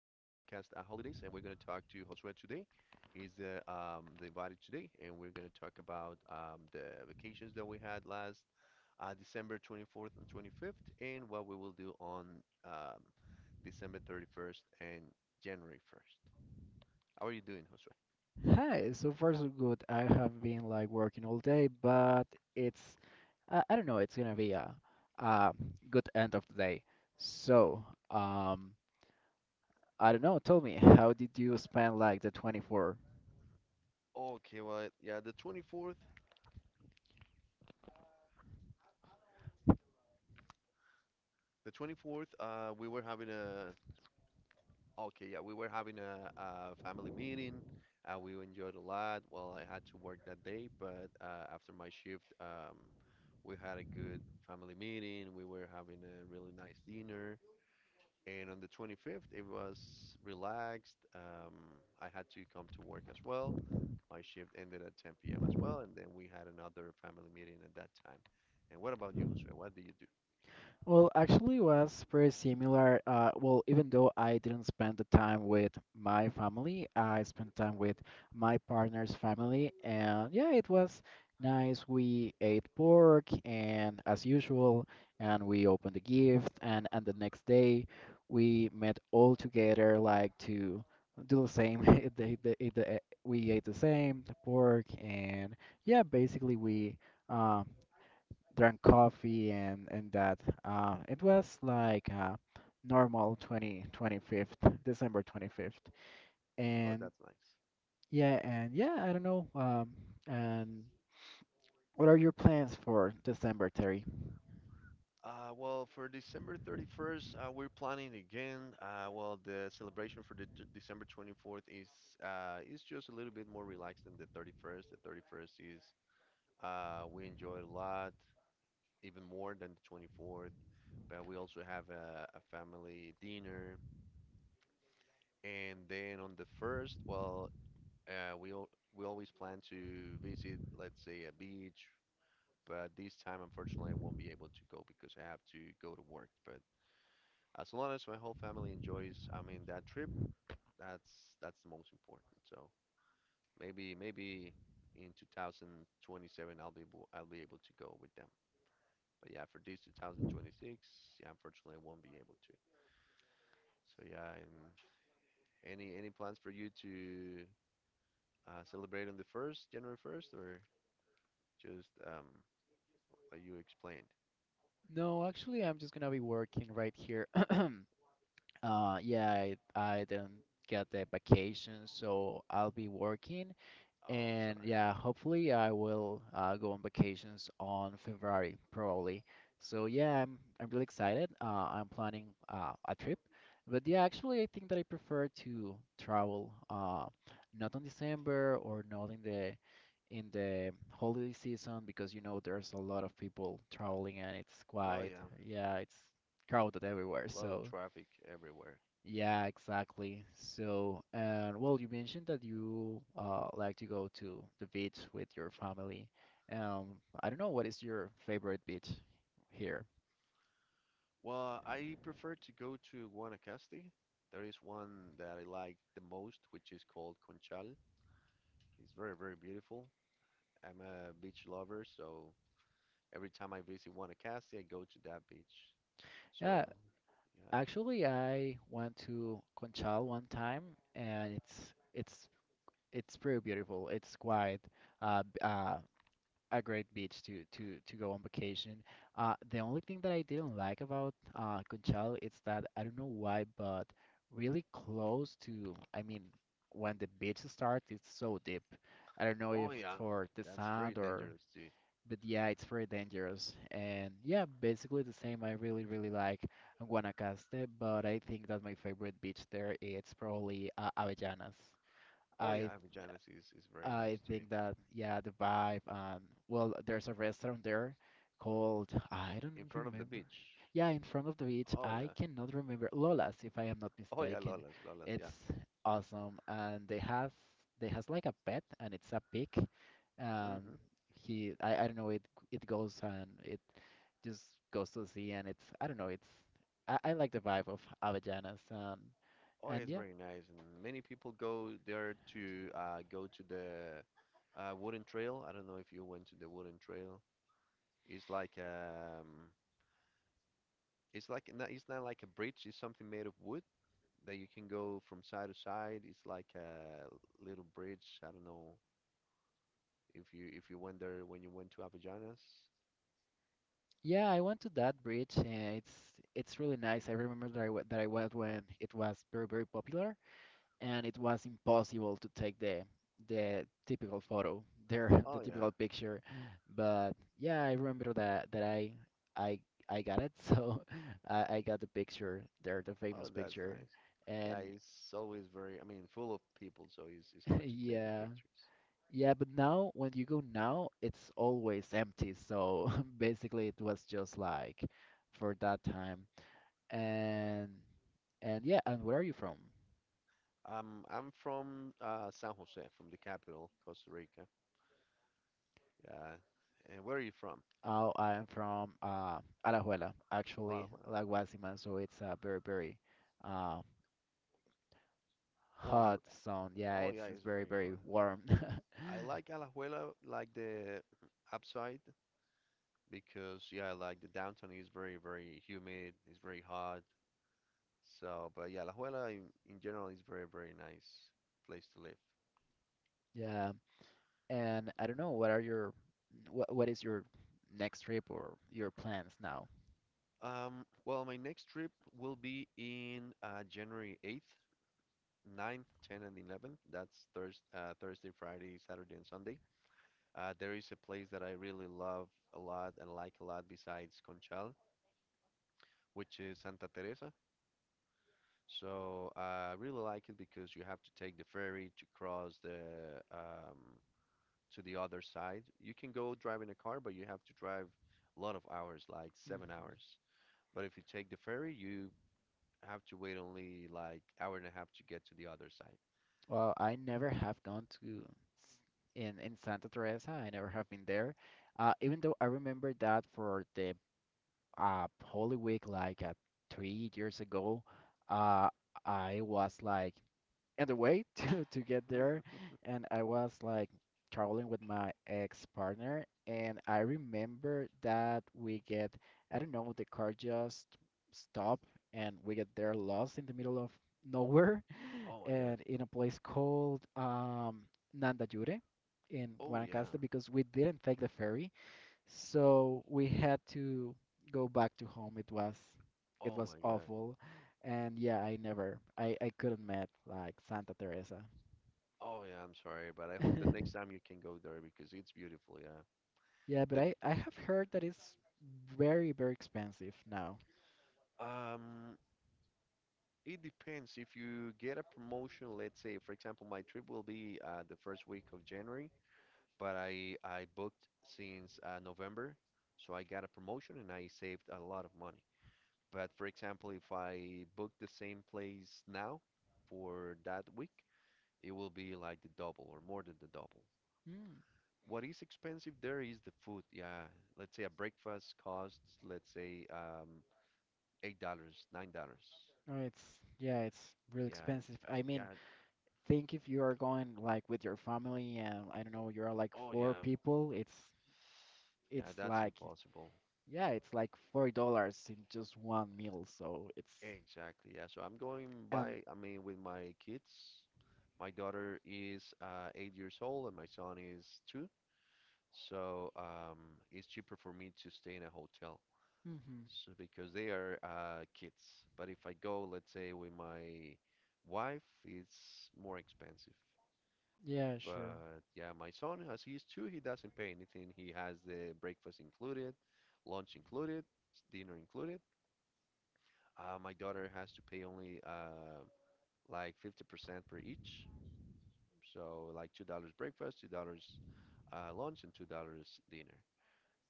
Holidays, and we're going to talk to Josue today. He's the invited today, and we're going to talk about the vacations that we had last December 24th and 25th, and what we will do on um, December 31st and January 1st. How are you doing, Josue? Hi, so far so good. I have been like working all day, but it's I don't know, it's gonna be a good end of the day. So, um, I don't know, tell me, how did you spend like the 24th? Okay, well, yeah, the 24th, we were having a. Okay, yeah, we were having a family meeting. We enjoyed a lot. Well, I had to work that day, but after my shift, we had a good family meeting. We were having a really nice dinner. And on the 25th, it was relaxed. I had to come to work as well. My shift ended at 10 p.m. as well, and then we had another family meeting at that time. And what about you, Josue? What do you do? Well, actually, was pretty similar. Well, even though I didn't spend the time with my family, I spent time with my partner's family, and yeah, it was nice. We ate pork, and as usual, and we opened the gift, and the next day, we met all together, like to do the same. They, they, they, we ate the same, the pork, and yeah, basically we. Um, Drank coffee and that. It was like normal twenty twenty fifth December 25th. Oh, And that's nice. yeah, and yeah, I don't know. And what are your plans for December, Terry? Well, for December 31st, we're planning again. Well, the celebration for the t December 24th is just a little bit more relaxed than the 31st. The 31st is, we enjoy it a lot, even more than the 24th. But we also have a family dinner, and then on the first, well, uh, we al we always plan to visit, let's say, a beach. But this time, unfortunately, I won't be able to go because I have to go to work. But as long as my whole family enjoys, I mean, that trip, that's the most important. So maybe in 2027 I'll be able to go with them. But yeah, for this 2026, yeah, unfortunately I won't be able to. So yeah, and any plans for you to celebrate on the first, January 1st, or just what you explained? No, actually, I'm just gonna be working right here. Yeah, I didn't get the vacation, so I'll be working. Oh, I'm And sorry. yeah, hopefully I will go on vacations on February probably. So yeah, I'm really excited. I'm planning a trip, but yeah, actually I think that I prefer to travel not on December or not in the holiday season because there's a lot of people traveling and it's Oh quite, yeah, yeah, it's crowded everywhere. a lot of So traffic everywhere. yeah, exactly. So, and well, you mentioned that you like to go to the beach with your family. Um, I don't know what is your favorite beach here. Well, I prefer to go to Guanacaste. There is one that I like the most, which is called Conchal. It's very, very beautiful. I'm a beach lover, so every time I visit Guanacaste, I go to that beach. So, Yeah, yeah. actually, I went to Conchal one time, and it's it's pretty beautiful. It's quite uh, b- uh a great beach to go on vacation. The only thing that I didn't like about Conchal is that I don't know why, but really close to, I mean, when the beach starts, it's so deep. I don't know Oh, if yeah. for the That's very sand or, dangerous too. but yeah, it's very dangerous. And yeah, basically the same. I really really like Guanacaste, but I think that my favorite beach there is probably Avellanas. Oh, I yeah. Avellanas is very I nice too. think that yeah, the vibe and well, there's a restaurant there called I In don't front of the remember. beach. Yeah, in front of the beach. Oh, I yeah. cannot remember Lola's if I am not Oh, yeah. mistaken. Lolas, Lolas. It's Yeah. awesome and they has like a pet and it's a pig. Um Hmm. he I don't know it goes and it just goes to the sea and it's I don't know, it's I like the vibe of Avellanas and Oh, and it's yeah. very nice, and many people go there to go to the wooden trail. I don't know if you went to the wooden trail. It's like um, it's like not, it's not like a bridge. It's something made of wood that you can go from side to side. It's like a little bridge. I don't know if you went there when you went to Avellanas. Yeah, I went to that bridge. And it's really nice. I remember that that I went when it was very very popular, and it was impossible to take the typical photo, there Oh the yeah. typical picture. But yeah, I remember that I I got it. So I got the picture there, the Oh, famous that's picture, nice. and Yeah, it's always very, I mean, full of people, so it's hard to take the yeah pictures. yeah. But now when you go now, it's always empty. So basically, it was just like for that time. And and yeah, and where are you from? I'm from San Jose, from the capital, Costa Rica. Yeah. And where are you from? Oh, I am from Alajuela, actually, Alajuela. La Guasima, so it's very, very uh, Oh, I, hot zone. Yeah, oh it's yeah, it's it's very, very very hot. warm. I like Alajuela, like the upside, because yeah, like the downtown is very, very humid. It's very hot. So, but yeah, Alajuela in general is very, very nice place to live. Yeah, and I don't know, what is your next trip or your plans now? Well, my next trip will be in January 8th, 9th, 10th, and 11th. That's Thursday, Friday, Saturday, and Sunday. There is a place that I really love a lot and like a lot besides Conchal, which is Santa Teresa. So I really like it because you have to take the ferry to cross the um, to the other side. You can go drive in a car, but you have to drive a lot of hours, like seven Hmm. hours. But if you take the ferry, you have to wait only like hour and a half to get to the other side. Well, I never have gone to s- in Santa Teresa. I never have been there. Even though I remember that for the Holy Week like 3 years ago. Uh, I was like on the way to get there, and I was like traveling with my ex partner, and I remember that we get I don't know the car just stopped, and we get there lost in the middle of nowhere, Oh my God. and in a place called Nandayure in Oh yeah. Guanacaste because we didn't take the ferry, so we had to go back to home. It was it Oh was my God. awful. And yeah, I never I I couldn't met like Santa Teresa. Oh yeah, I'm sorry, but I hope the next time you can go there because it's beautiful, yeah. Yeah, but The I have heard that it's very very expensive now. um, it depends. If you get a promotion, let's say, for example, my trip will be the first week of January, but I booked since November, so I got a promotion and I saved a lot of money. But for example, if I book the same place now for that week, it will be like the double or more than the double. Mm. What is expensive there is the food. Yeah, let's say a breakfast costs, let's say, $8, $9. Oh, it's yeah, it's real Yeah, expensive. I mean, yeah, think if you are going like with your family and I don't know, you're like four people, it's Yeah, it's that's like impossible. yeah, it's like $40 in just one meal. So it's Exactly. Yeah. So I'm going and by, I mean, with my kids. My daughter is 8 years old and my son is two. So it's cheaper for me to stay in a hotel. mhm. So because they are kids. But if I go, let's say, with my wife, it's more expensive. Yeah, sure. But yeah, my son, as he's two, he doesn't pay anything. He has the breakfast included, lunch included, dinner included. My daughter has to pay only like 50% per each. So like $2 breakfast, $2 lunch, and $2 dinner.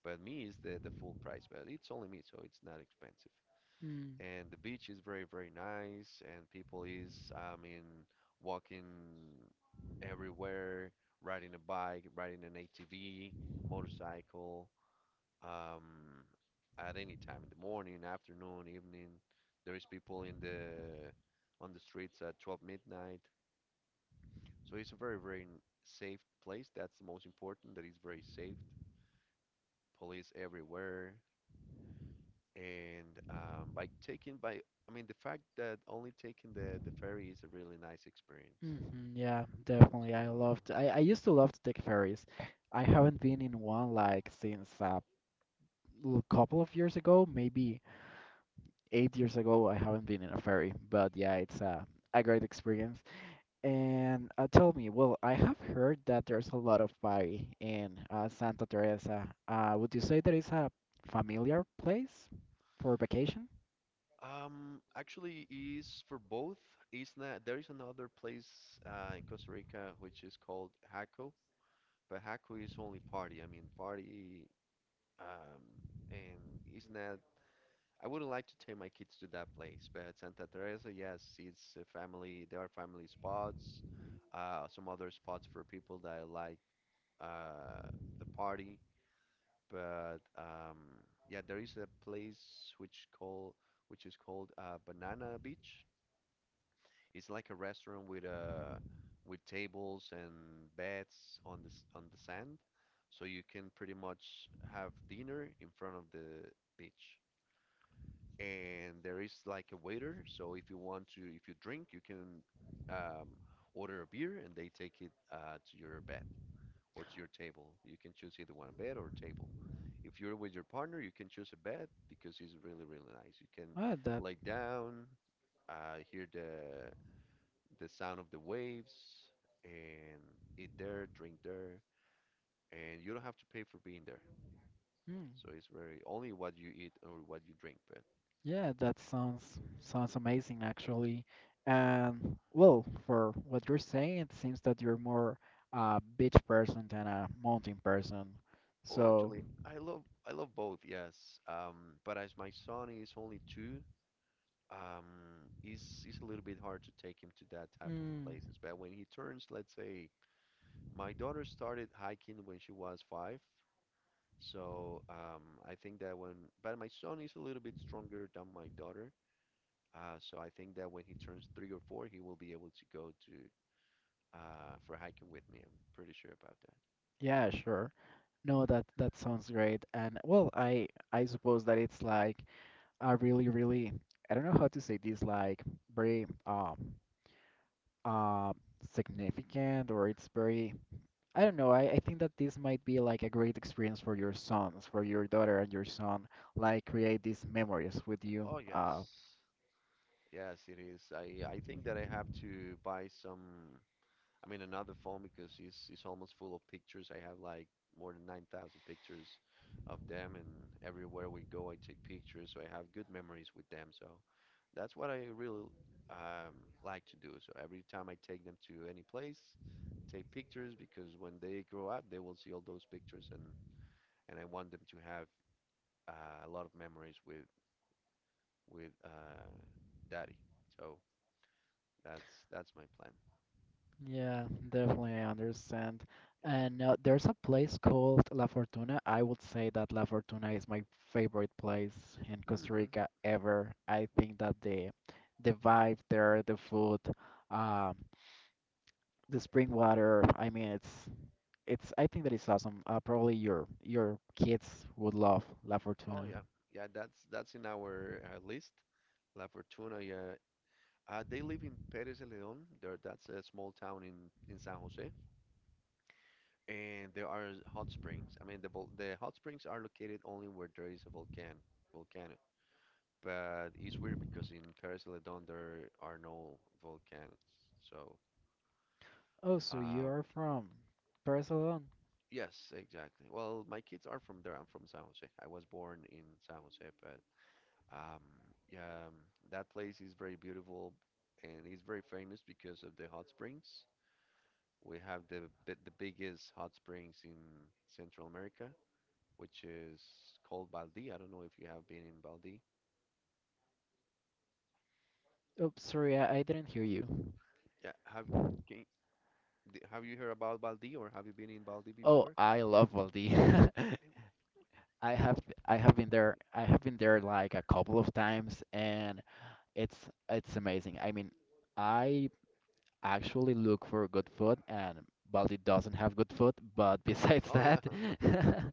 But me is the full price, but it's only me, so it's not expensive. Mm, And the beach is very, very nice, and people is, I mean, walking everywhere, riding a bike, riding an ATV, motorcycle, um, at any time in the morning, afternoon, evening. There is people in the on the streets at 12 midnight. So it's a very, very safe place. That's the most important. That is very safe. Police everywhere. And by I mean the fact that only taking the ferry is a really nice experience. hmm, yeah, definitely. I So loved. I used to love to take ferries. I haven't been in one like since a couple of years ago, maybe 8 years ago. I haven't been in a ferry, but yeah, it's a great experience. And tell me, well, I have heard that there's a lot of party in Santa Teresa. Would you say that it's a familiar place for vacation? Actually, is for both. Is not there is another place in Costa Rica which is called Jaco. But Haku is only party. I mean, party, um, and isn't that? I wouldn't like to take my kids to that place. But Santa Teresa, yes, it's a family. There are family spots, some other spots for people that like uh, the party. But yeah, there is a place which is called Banana Beach. It's like a restaurant with with tables and beds on on the sand, so you can pretty much have dinner in front of the beach. And there is like a waiter, so if you want to, if you drink, you can um, order a beer and they take it to your bed or to your table. You can choose either one, bed or table. If you're with your partner, you can choose a bed because it's really, really nice. You can Ah, lay down, hear the sound of the waves and eat there, drink there, and you don't have to pay for being there. that. So it's very only what you eat or what you drink. But Yeah, that sounds amazing actually. And well, for what you're saying, it seems that you're more a beach person than a mountain person. oh, So, actually, I love both. Yes. But as my son is only two, it's a little bit hard to take him to that type of mm, places. But when he turns, let's say, my daughter started hiking when she was five. So I think that when, but my son is a little bit stronger than my daughter. So I think that when he turns three or four, he will be able to go to for hiking with me. I'm pretty sure about that. yeah, sure. No, that sounds great. And well, I suppose that it's like a really, really I don't know how to say this, like very uh significant or it's very I don't know. I think that this might be like a great experience for your sons, for your daughter and your son, like create these memories with you. Oh yes, yes it is. I think that I have to buy some. I mean, another phone because it's almost full of pictures. I have like more than 9,000 pictures of them, and everywhere we go, I take pictures. So I have good memories with them. So that's what I really um, like to do. So every time I take them to any place, take pictures because when they grow up, they will see all those pictures, and I want them to have a lot of memories with with daddy. So that's my plan. Yeah, definitely, I understand. Yeah. And there's a place called La Fortuna. I would say that La Fortuna is my favorite place in Costa Hmm. Rica ever. I think that the vibe there, the food, um, the spring water. I mean, it's. I think that it's awesome. Probably your kids would love La Oh Fortuna. yeah, yeah. That's in our list. La Fortuna. Yeah. They live in Pérez de León. There, that's a small town in San Jose. And there are hot springs. I mean, the hot springs are located only where there is a volcano. Volcano. But it's weird because in Pérez de León there are no volcanoes. So, Oh, so you uh, are from Barcelona. yes, exactly. Well, my kids are from there. I'm from San Jose. I was born in San Jose, but Um, yeah, that place is very beautiful and it's very famous because of the hot springs. We have the biggest hot springs in Central America, which is called Baldi. I don't know if you have been in Baldi. Oops, sorry, I didn't hear you. Yeah, can, have you heard about Baldi or have you been in Baldi Oh, before? I love Valdi. I have I have been there. I have been there like a couple of times, and it's it's amazing. I mean, I actually look for good food, and Valdi doesn't have good food. But besides Oh that, yeah,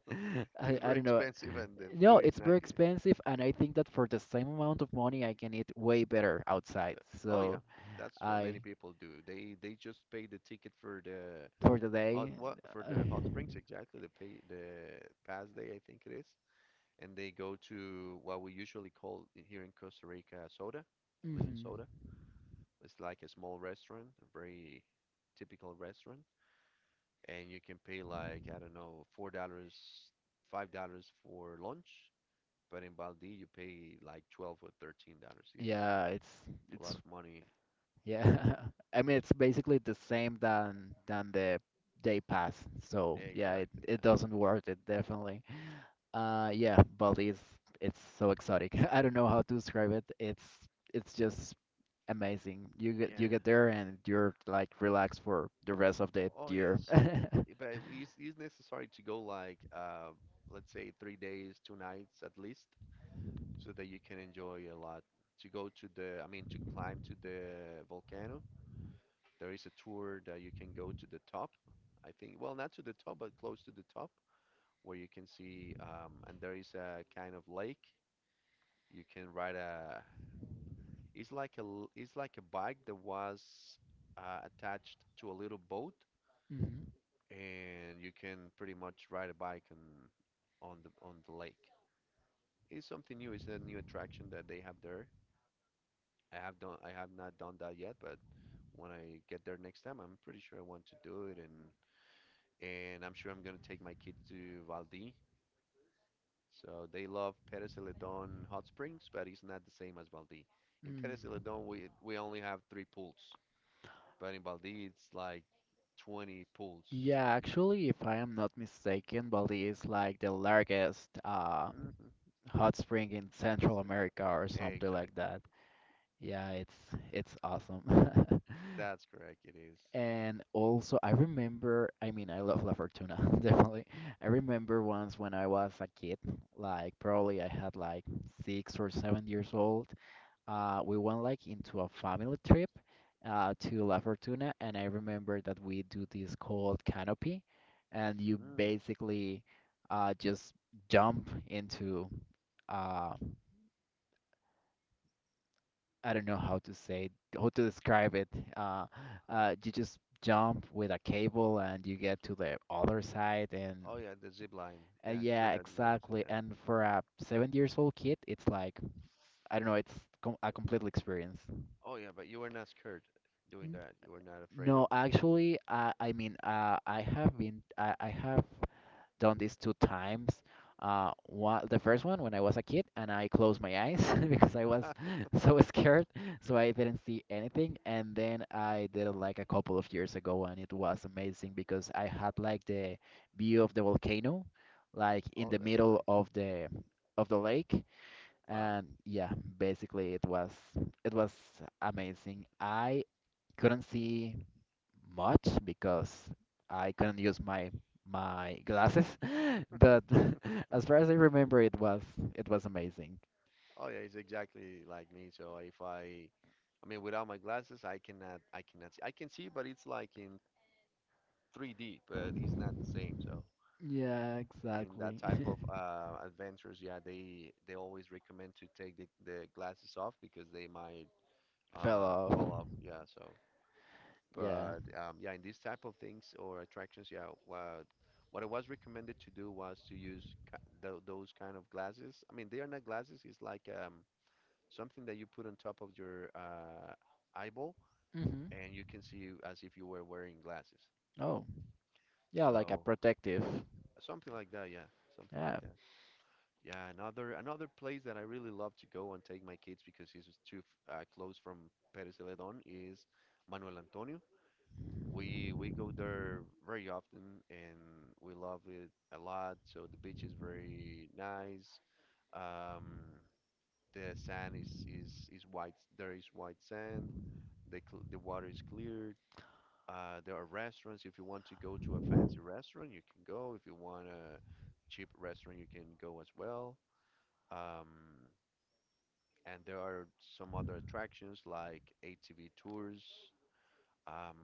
I, it's I very don't know. expensive and the No, food is it's not very good. expensive, and I think that for the same amount of money, I can eat way better outside. Oh So yeah, that's what many I. people do. They just pay the ticket for the. For the Hot day. what for Uh, the hot springs, exactly, the past day I think it is, and they go to what we usually call here in Costa Rica soda, a little mhm. soda. It's like a small restaurant, a very typical restaurant, and you can pay like I don't know $4, $5 for lunch, but in Baldi you pay like $12 or $13. It's Yeah, it's a lot it's of money. yeah. I mean, it's basically the same than the day pass. So yeah, it Exactly, it yeah, doesn't worth it definitely. Yeah, Bali is it's so exotic. I don't know how to describe it. It's just amazing. You yeah. get there and you're like relaxed for the rest of the Oh year. yes. But it's necessary to go like let's say 3 days, 2 nights at least, so that you can enjoy a lot. To go to the, I mean, to climb to the volcano, there is a tour that you can go to the top. I think, well, not to the top, but close to the top, where you can see, and there is a kind of lake. You can ride a, it's like a, it's like a bike that was attached to a little boat, Mhm. and you can pretty much ride a bike and on the lake. It's something new. It's a new attraction that they have there. I have not done that yet, but when I get there next time, I'm pretty sure I want to do it, and I'm sure I'm gonna take my kid to Valdí. So they love Pérez Celedón hot springs, but it's not the same as Valdí. In Mm. Pérez Celedón, we only have three pools, but in Valdí it's like 20 pools. Yeah, actually, if I am not mistaken, Bali is like the largest Mm. hot spring in Central Hmm. America or something like Exactly. that. Yeah, it's awesome. That's correct. It is. And also, I remember, I mean, I love La Fortuna, definitely. I remember once when I was a kid, like probably I had like 6 or 7 years old, we went like into a family trip to La Fortuna, and I remember that we do this called canopy, and you Hmm. basically just jump into uh, I don't know how to describe it. Uh, you just jump with a cable, and you get to the other side, and Oh yeah, the zip line. Yeah, it's yeah, pretty much the same, exactly. yeah. And for a 7 years old kid, it's like I don't know, it's com a complete experience. Oh yeah, but you were not scared doing that. You were not afraid of. No, actually, I mean, I have been I have done this two times. One, the first one when I was a kid and I closed my eyes because I was so scared, so I didn't see anything. And then I did it like a couple of years ago, and it was amazing because I had like the view of the volcano, like in Oh, the that's middle nice. of the lake. Wow. And yeah, basically it was amazing. I couldn't see much because I couldn't use my glasses, but as far as I remember, it was amazing. Oh yeah, it's exactly like me. So if I, I mean, without my glasses, I cannot see. I can see, but it's like in 3D, but it's not the same. So Yeah, in that exactly. type of adventures, yeah, they always recommend to take the glasses off because they might Fell off. fall off. Yeah. So. Yeah. But yeah, in these type of things or attractions, yeah, what I was recommended to do was to use those kind of glasses. I mean, they are not glasses. It's like something that you put on top of your eyeball, Mhm. and you can see as if you were wearing glasses. Oh, yeah, like a So protective. something like that, yeah, something like Yeah. that. Yeah, another place that I really love to go and take my kids because it's too close from Pérez Celedón is Manuel Antonio. We go there very often and we love it a lot. So the beach is very nice. Um, the sand is white. There is white sand. The cl the water is clear. There are restaurants. If you want to go to a fancy restaurant, you can go. If you want a cheap restaurant, you can go as well. Um, and there are some other attractions like ATV tours. Um,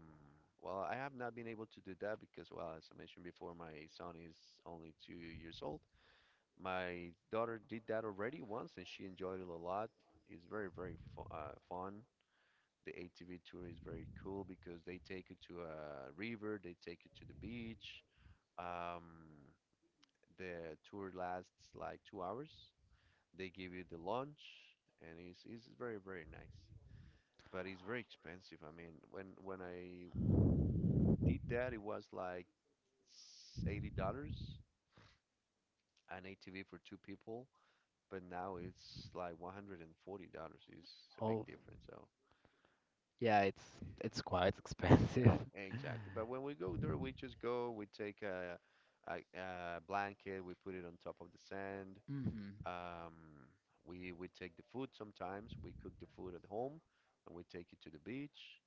well, I have not been able to do that because, well, as I mentioned before, my son is only 2 years old. My daughter did that already once, and she enjoyed it a lot. It's very, very fu fun. The ATV tour is very cool because they take you to a river, they take you to the beach. Um, the tour lasts like 2 hours. They give you the lunch, and it's very, very nice. But it's very expensive. I mean, when I did that, it was like it's $80 an ATV for two people, but now it's like $140. It's a big Oh, difference. So yeah. It's quite expensive. yeah, exactly. But when we go there, we just go. We take a blanket. We put it on top of the sand. Mhm. Um, we take the food sometimes. We cook the food at home, and we take it to the beach.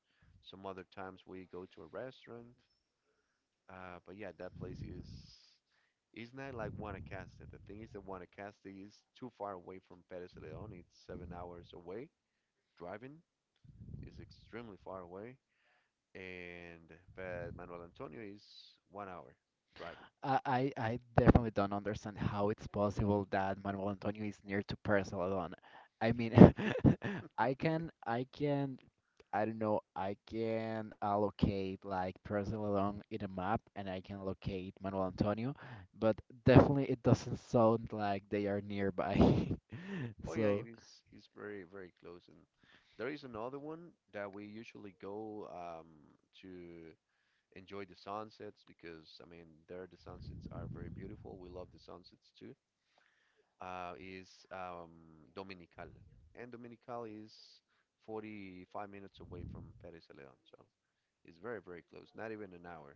Some other times we go to a restaurant. But yeah, that place is it's not like Guanacaste. The thing is that Guanacaste is too far away from Pérez León. It's 7 hours away. Driving is extremely far away. And but Manuel Antonio is 1 hour driving. I definitely don't understand how it's possible that Manuel Antonio is near to Paris Celedon. I mean, I can I can I don't know I can allocate like Paris Celedon in a map and I can locate Manuel Antonio, but definitely it doesn't sound like they are nearby. Oh yeah, it So is. It's very very close. And there is another one that we usually go to enjoy the sunsets, because I mean there the sunsets are very beautiful. We love the sunsets too. Is Dominical, and Dominical is 45 minutes away from Pérez de León, so it's very, very close, not even an hour.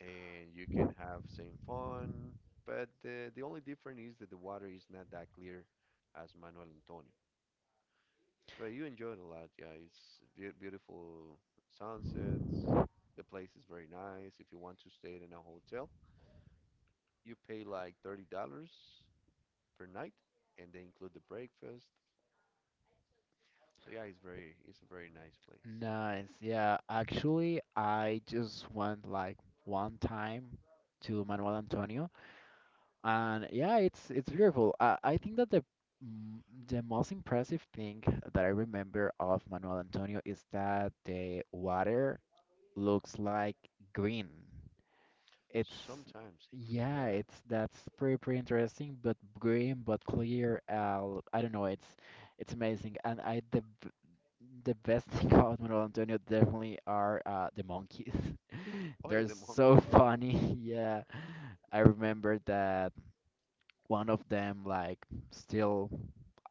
And you can have same fun, but the only difference is that the water is not that clear as Manuel Antonio. But you enjoy it a lot, yeah. It's beautiful sunsets. The place is very nice. If you want to stay in a hotel, you pay like $30 per night, and they include the breakfast. So yeah, it's a very nice place. nice, yeah. Actually, I just went like one time to Manuel Antonio. And yeah, it's beautiful. I think that the most impressive thing that I remember of Manuel Antonio is that the water looks like green. It's Sometimes, yeah, yeah. it's that's pretty pretty interesting, but green but clear. I don't know, it's amazing. And the best thing about Manuel Antonio definitely are the monkeys. Oh yeah, They're the so monkeys, yeah. funny. Yeah, I remember that one of them like still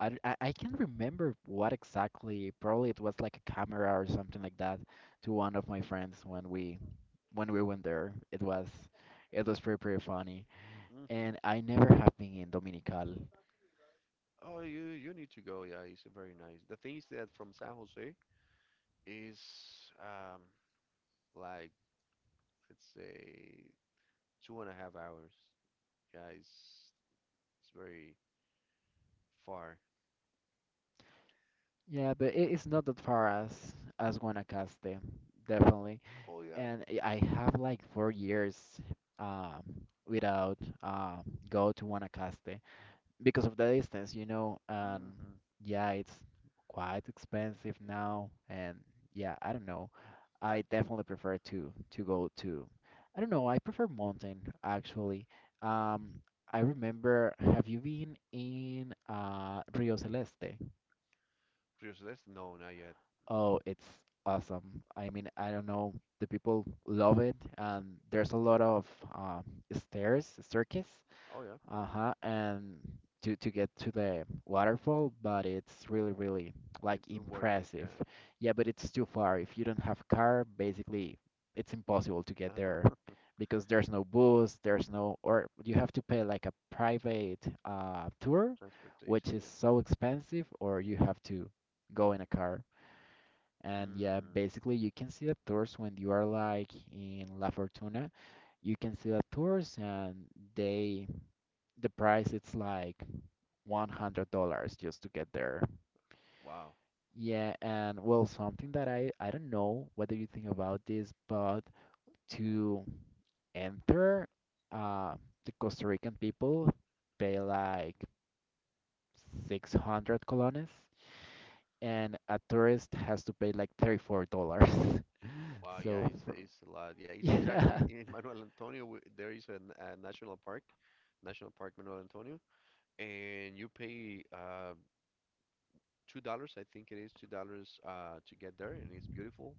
I can't remember what exactly, probably it was like a camera or something like that to one of my friends when we went there. It was it was pretty funny. Hmm. And I never have been in Dominical. Oh, you need to go. Yeah, it's very nice. The thing is that from San Jose is um like let's say 2.5 hours. Yeah, it's very far. Yeah, but it is not that far as Guanacaste, definitely. Oh yeah. And I have like 4 years um without um go to Guanacaste because of the distance, you know. And Mm-hmm. yeah, it's quite expensive now, and yeah, I don't know. I definitely prefer to go to, I don't know, I prefer mountain actually. Um, I remember, have you been in Rio Celeste? Rio Celeste? No, not yet. Oh, it's awesome. I mean, I don't know, the people love it, and there's a lot of um stairs, staircase, Oh yeah. Mm-hmm. uh-huh, and to get to the waterfall, but it's really, really like It worth it. Yeah. impressive. Yeah, but it's too far. If you don't have car, basically it's impossible to get there because there's no bus, there's no, or you have to pay like a private tour, which Transportation. is Yeah. so expensive, or you have to go in a car. And yeah, Mm-hmm. basically you can see the tours when you are like in La Fortuna. You can see the tours, and they the price it's like $100 just to get there. Wow. Yeah, and well, something that I don't know whether you think about this, but to enter, uh, the Costa Rican people pay like 600 colones, and a tourist has to pay like $34. Wow, yeah, So for, it's a lot. Yeah, it's exactly yeah, in Manuel Antonio. There is a national park, National Park Manuel Antonio, and you pay $2, I think it is $2 to get there, and it's beautiful.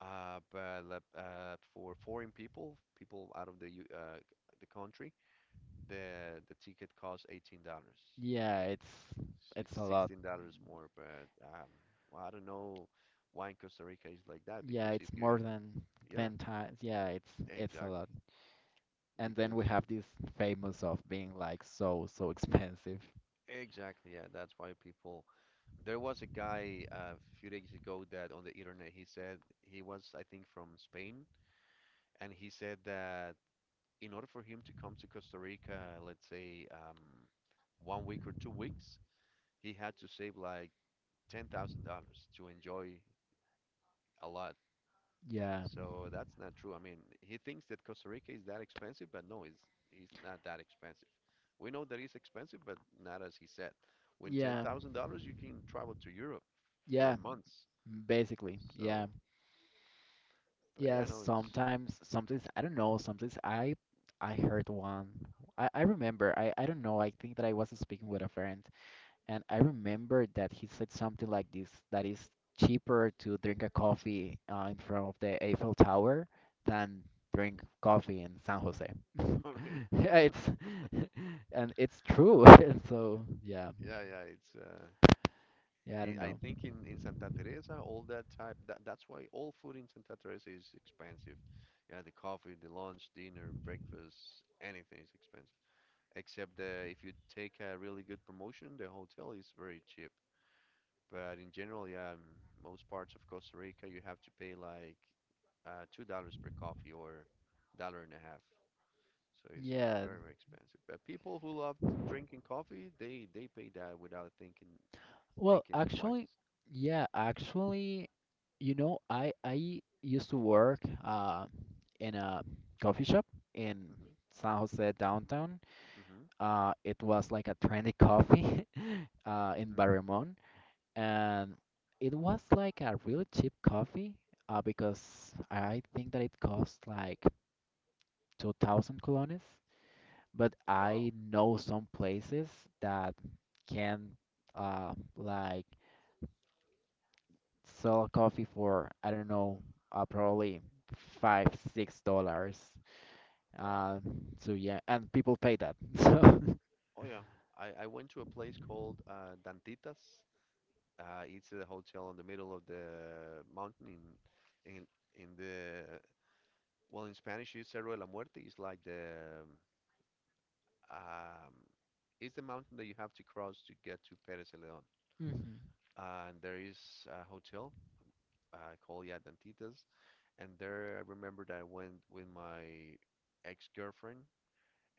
But like, for foreign people, people out of the the country, the ticket costs $18, yeah, it's a lot. $16 more. But well, I don't know why in Costa Rica is like that, Yeah, because if it's you, more than yeah, 10 times. Yeah, it's a exactly lot. And then we because have this famous of being like so expensive. exactly, yeah. That's why people. There was a guy a few days ago that on the internet he said he was, I think, from Spain, and he said that in order for him to come to Costa Rica, let's say one week or 2 weeks, he had to save like $10,000 to enjoy a lot. Yeah. So that's not true. I mean, he thinks that Costa Rica is that expensive, but no, it's not that expensive. We know that it's expensive, but not as he said. With ten Yeah. thousand dollars, you can travel to Europe Yeah. for months. Basically. Yeah. So, but Yeah. yeah, no, it's. Sometimes I don't know, sometimes I heard one. I remember I don't know, I think that I was speaking with a friend. And I remember that he said something like this, that is cheaper to drink a coffee in front of the Eiffel Tower than drink coffee in San Jose. Oh, really, Yeah, it's and it's true. And so yeah, yeah, yeah, it's. Yeah, I don't I know. think in Santa Teresa, all that type that that's why all food in Santa Teresa is expensive. Yeah, the coffee, the lunch, dinner, breakfast, anything is expensive. Except that if you take a really good promotion, the hotel is very cheap. But in general, yeah, most parts of Costa Rica you have to pay like $2 per coffee or $1.50. So it's Yeah. very, very expensive. But people who love drinking coffee, they pay that without Well, thinking actually, twice. yeah, actually, you know, I used to work in a coffee shop in Hmm. San Jose downtown. Hmm. It was like a trendy coffee in Hmm. Barremón, and it was like a really cheap coffee because I think that it cost like 2,000 colones. But Wow. I know some places that can like sell coffee for I don't know, probably $5 $6. Wow. Uh, so yeah, and people pay that. So, Oh yeah. I went to a place called Dantitas. It's a hotel in the middle of the mountain in the, well, in Spanish it's Cerro de la Muerte. It's like the um, it's the mountain that you have to cross to get to Pérez Celedón. mhm. And there is a hotel called Ya Dantitas, and there I remember that I went with my ex-girlfriend,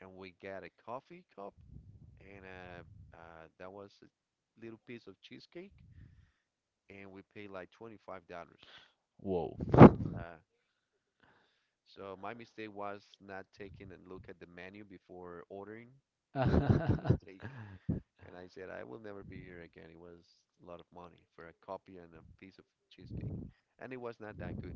and we got a coffee cup and that was a little piece of cheesecake, and we paid like $25. Whoa. Uh, So my mistake was not taking a look at the menu before ordering. That was the mistake. And I said, I will never be here again. It was a lot of money for a copy and a piece of cheesecake. And it was not that good.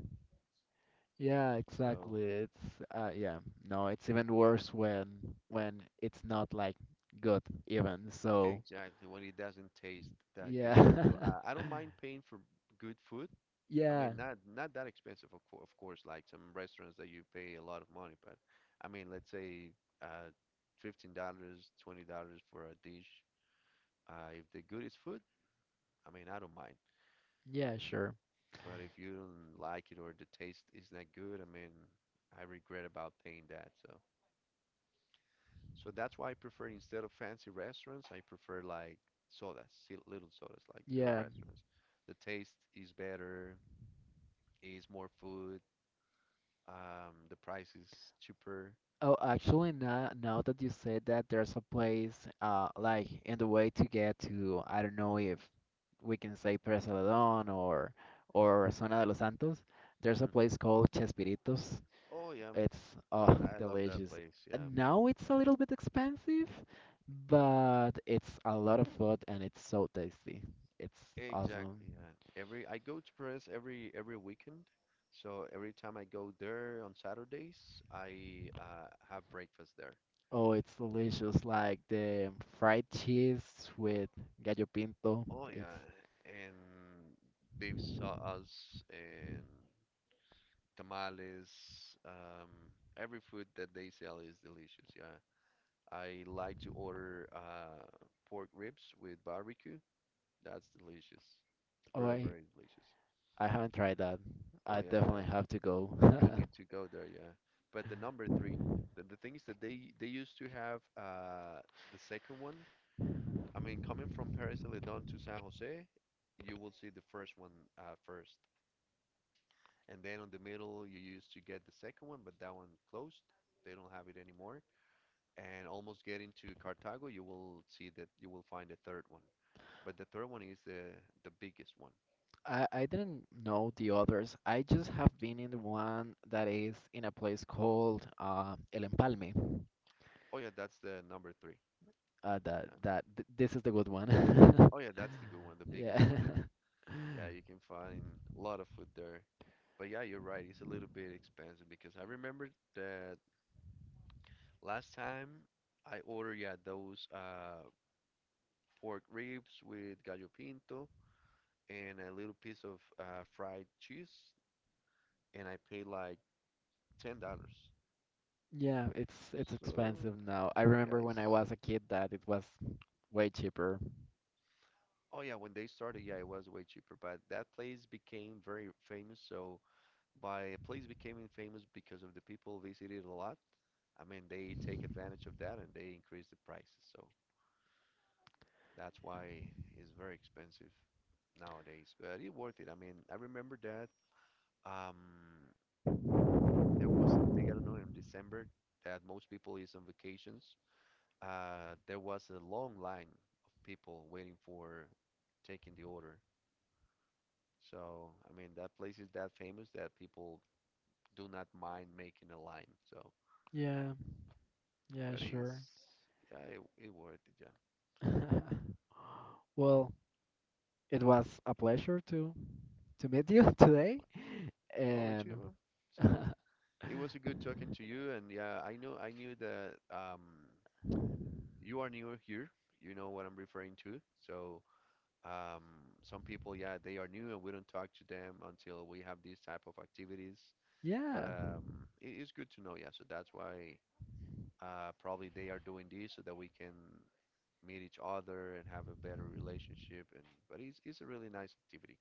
Yeah, So, exactly. It's yeah, no, it's even worse when it's not like good even. So, exactly, when it doesn't taste that good. yeah. So I don't mind paying for good food. I Yeah. mean, not that expensive, of course, like some restaurants that you pay a lot of money. But I mean, let's say uh, $15, $20 for a dish. If the good is food, I mean, I don't mind, Yeah, sure. but if you don't like it or the taste is not good, I mean, I regret about paying that. So, that's why I prefer instead of fancy restaurants, I prefer like sodas, little sodas, like little Yeah. restaurants. The taste is better, is more food, the price is cheaper. Oh, actually, now that you said that, there's a place like in the way to get to, I don't know if we can say Presa de Don or Zona de los Santos, there's a Hmm. place called Chespiritos. Oh yeah, It's oh, I love that delicious. place. Yeah, Now it's a little bit expensive, but it's a lot of food and it's so tasty. It's awesome. exactly. Yeah. Every I go to Paris every weekend. So every time I go there on Saturdays, I have breakfast there. Oh, it's delicious. Like the fried cheese with gallo pinto. Oh It's yeah, and they've saw us and tamales. Um, every food that they sell is delicious. Yeah, I like to order pork ribs with barbecue. That's delicious. It's oh, very, I very delicious. I haven't tried that. Oh I yeah, the definitely have to go. you need to go there, yeah. But the number three, the thing is that they used to have the second one. I mean, coming from Paris Celedon to San Jose, you will see the first one first, and then on the middle you used to get the second one, but that one closed. They don't have it anymore. And almost getting to Cartago, you will find the third one. But the third one is the biggest one. I didn't know the others. I just have been in the one that is in a place called El Empalme. Oh yeah, that's the number three. Uh, that Yeah. that th- this is the good one. Oh yeah, that's the good one, the Yeah. biggest one. Yeah, yeah, you can find a lot of food there. But yeah, you're right. It's a little bit expensive because I remember that last time I ordered yeah those pork ribs with gallo pinto and a little piece of fried cheese, and I paid like $10. Yeah, it's So expensive now. I yeah, remember when I it's was a kid that it was way cheaper. oh yeah, when they started, yeah, it was way cheaper. But that place became very famous. So by a place becoming famous because of the people visited a lot, I mean they take advantage of that and they increase the prices. So that's why it's very expensive nowadays, but it's worth it. I mean, I remember that um, there was a day, I don't know, in December that most people is on vacations. There was a long line of people waiting for taking the order. So, I mean, that place is that famous that people do not mind making a line. So, Yeah, yeah, but yeah, it's, sure. yeah, it worth it, yeah. Well, it was a pleasure to meet you today Oh, me too, and bro. So, it was a good talking to you, and yeah, I knew that you are new here, you know what I'm referring to. So, some people, yeah, they are new and we don't talk to them until we have these type of activities. But yeah. It is good to know, yeah. So that's why probably they are doing this so that we can meet each other and have a better relationship. And but it's a really nice activity.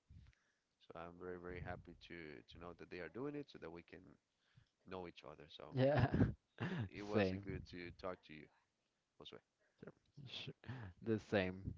So I'm very very happy to know that they are doing it so that we can know each other. So Yeah. it was a Same. good to talk to you, Jose. Sh- The same.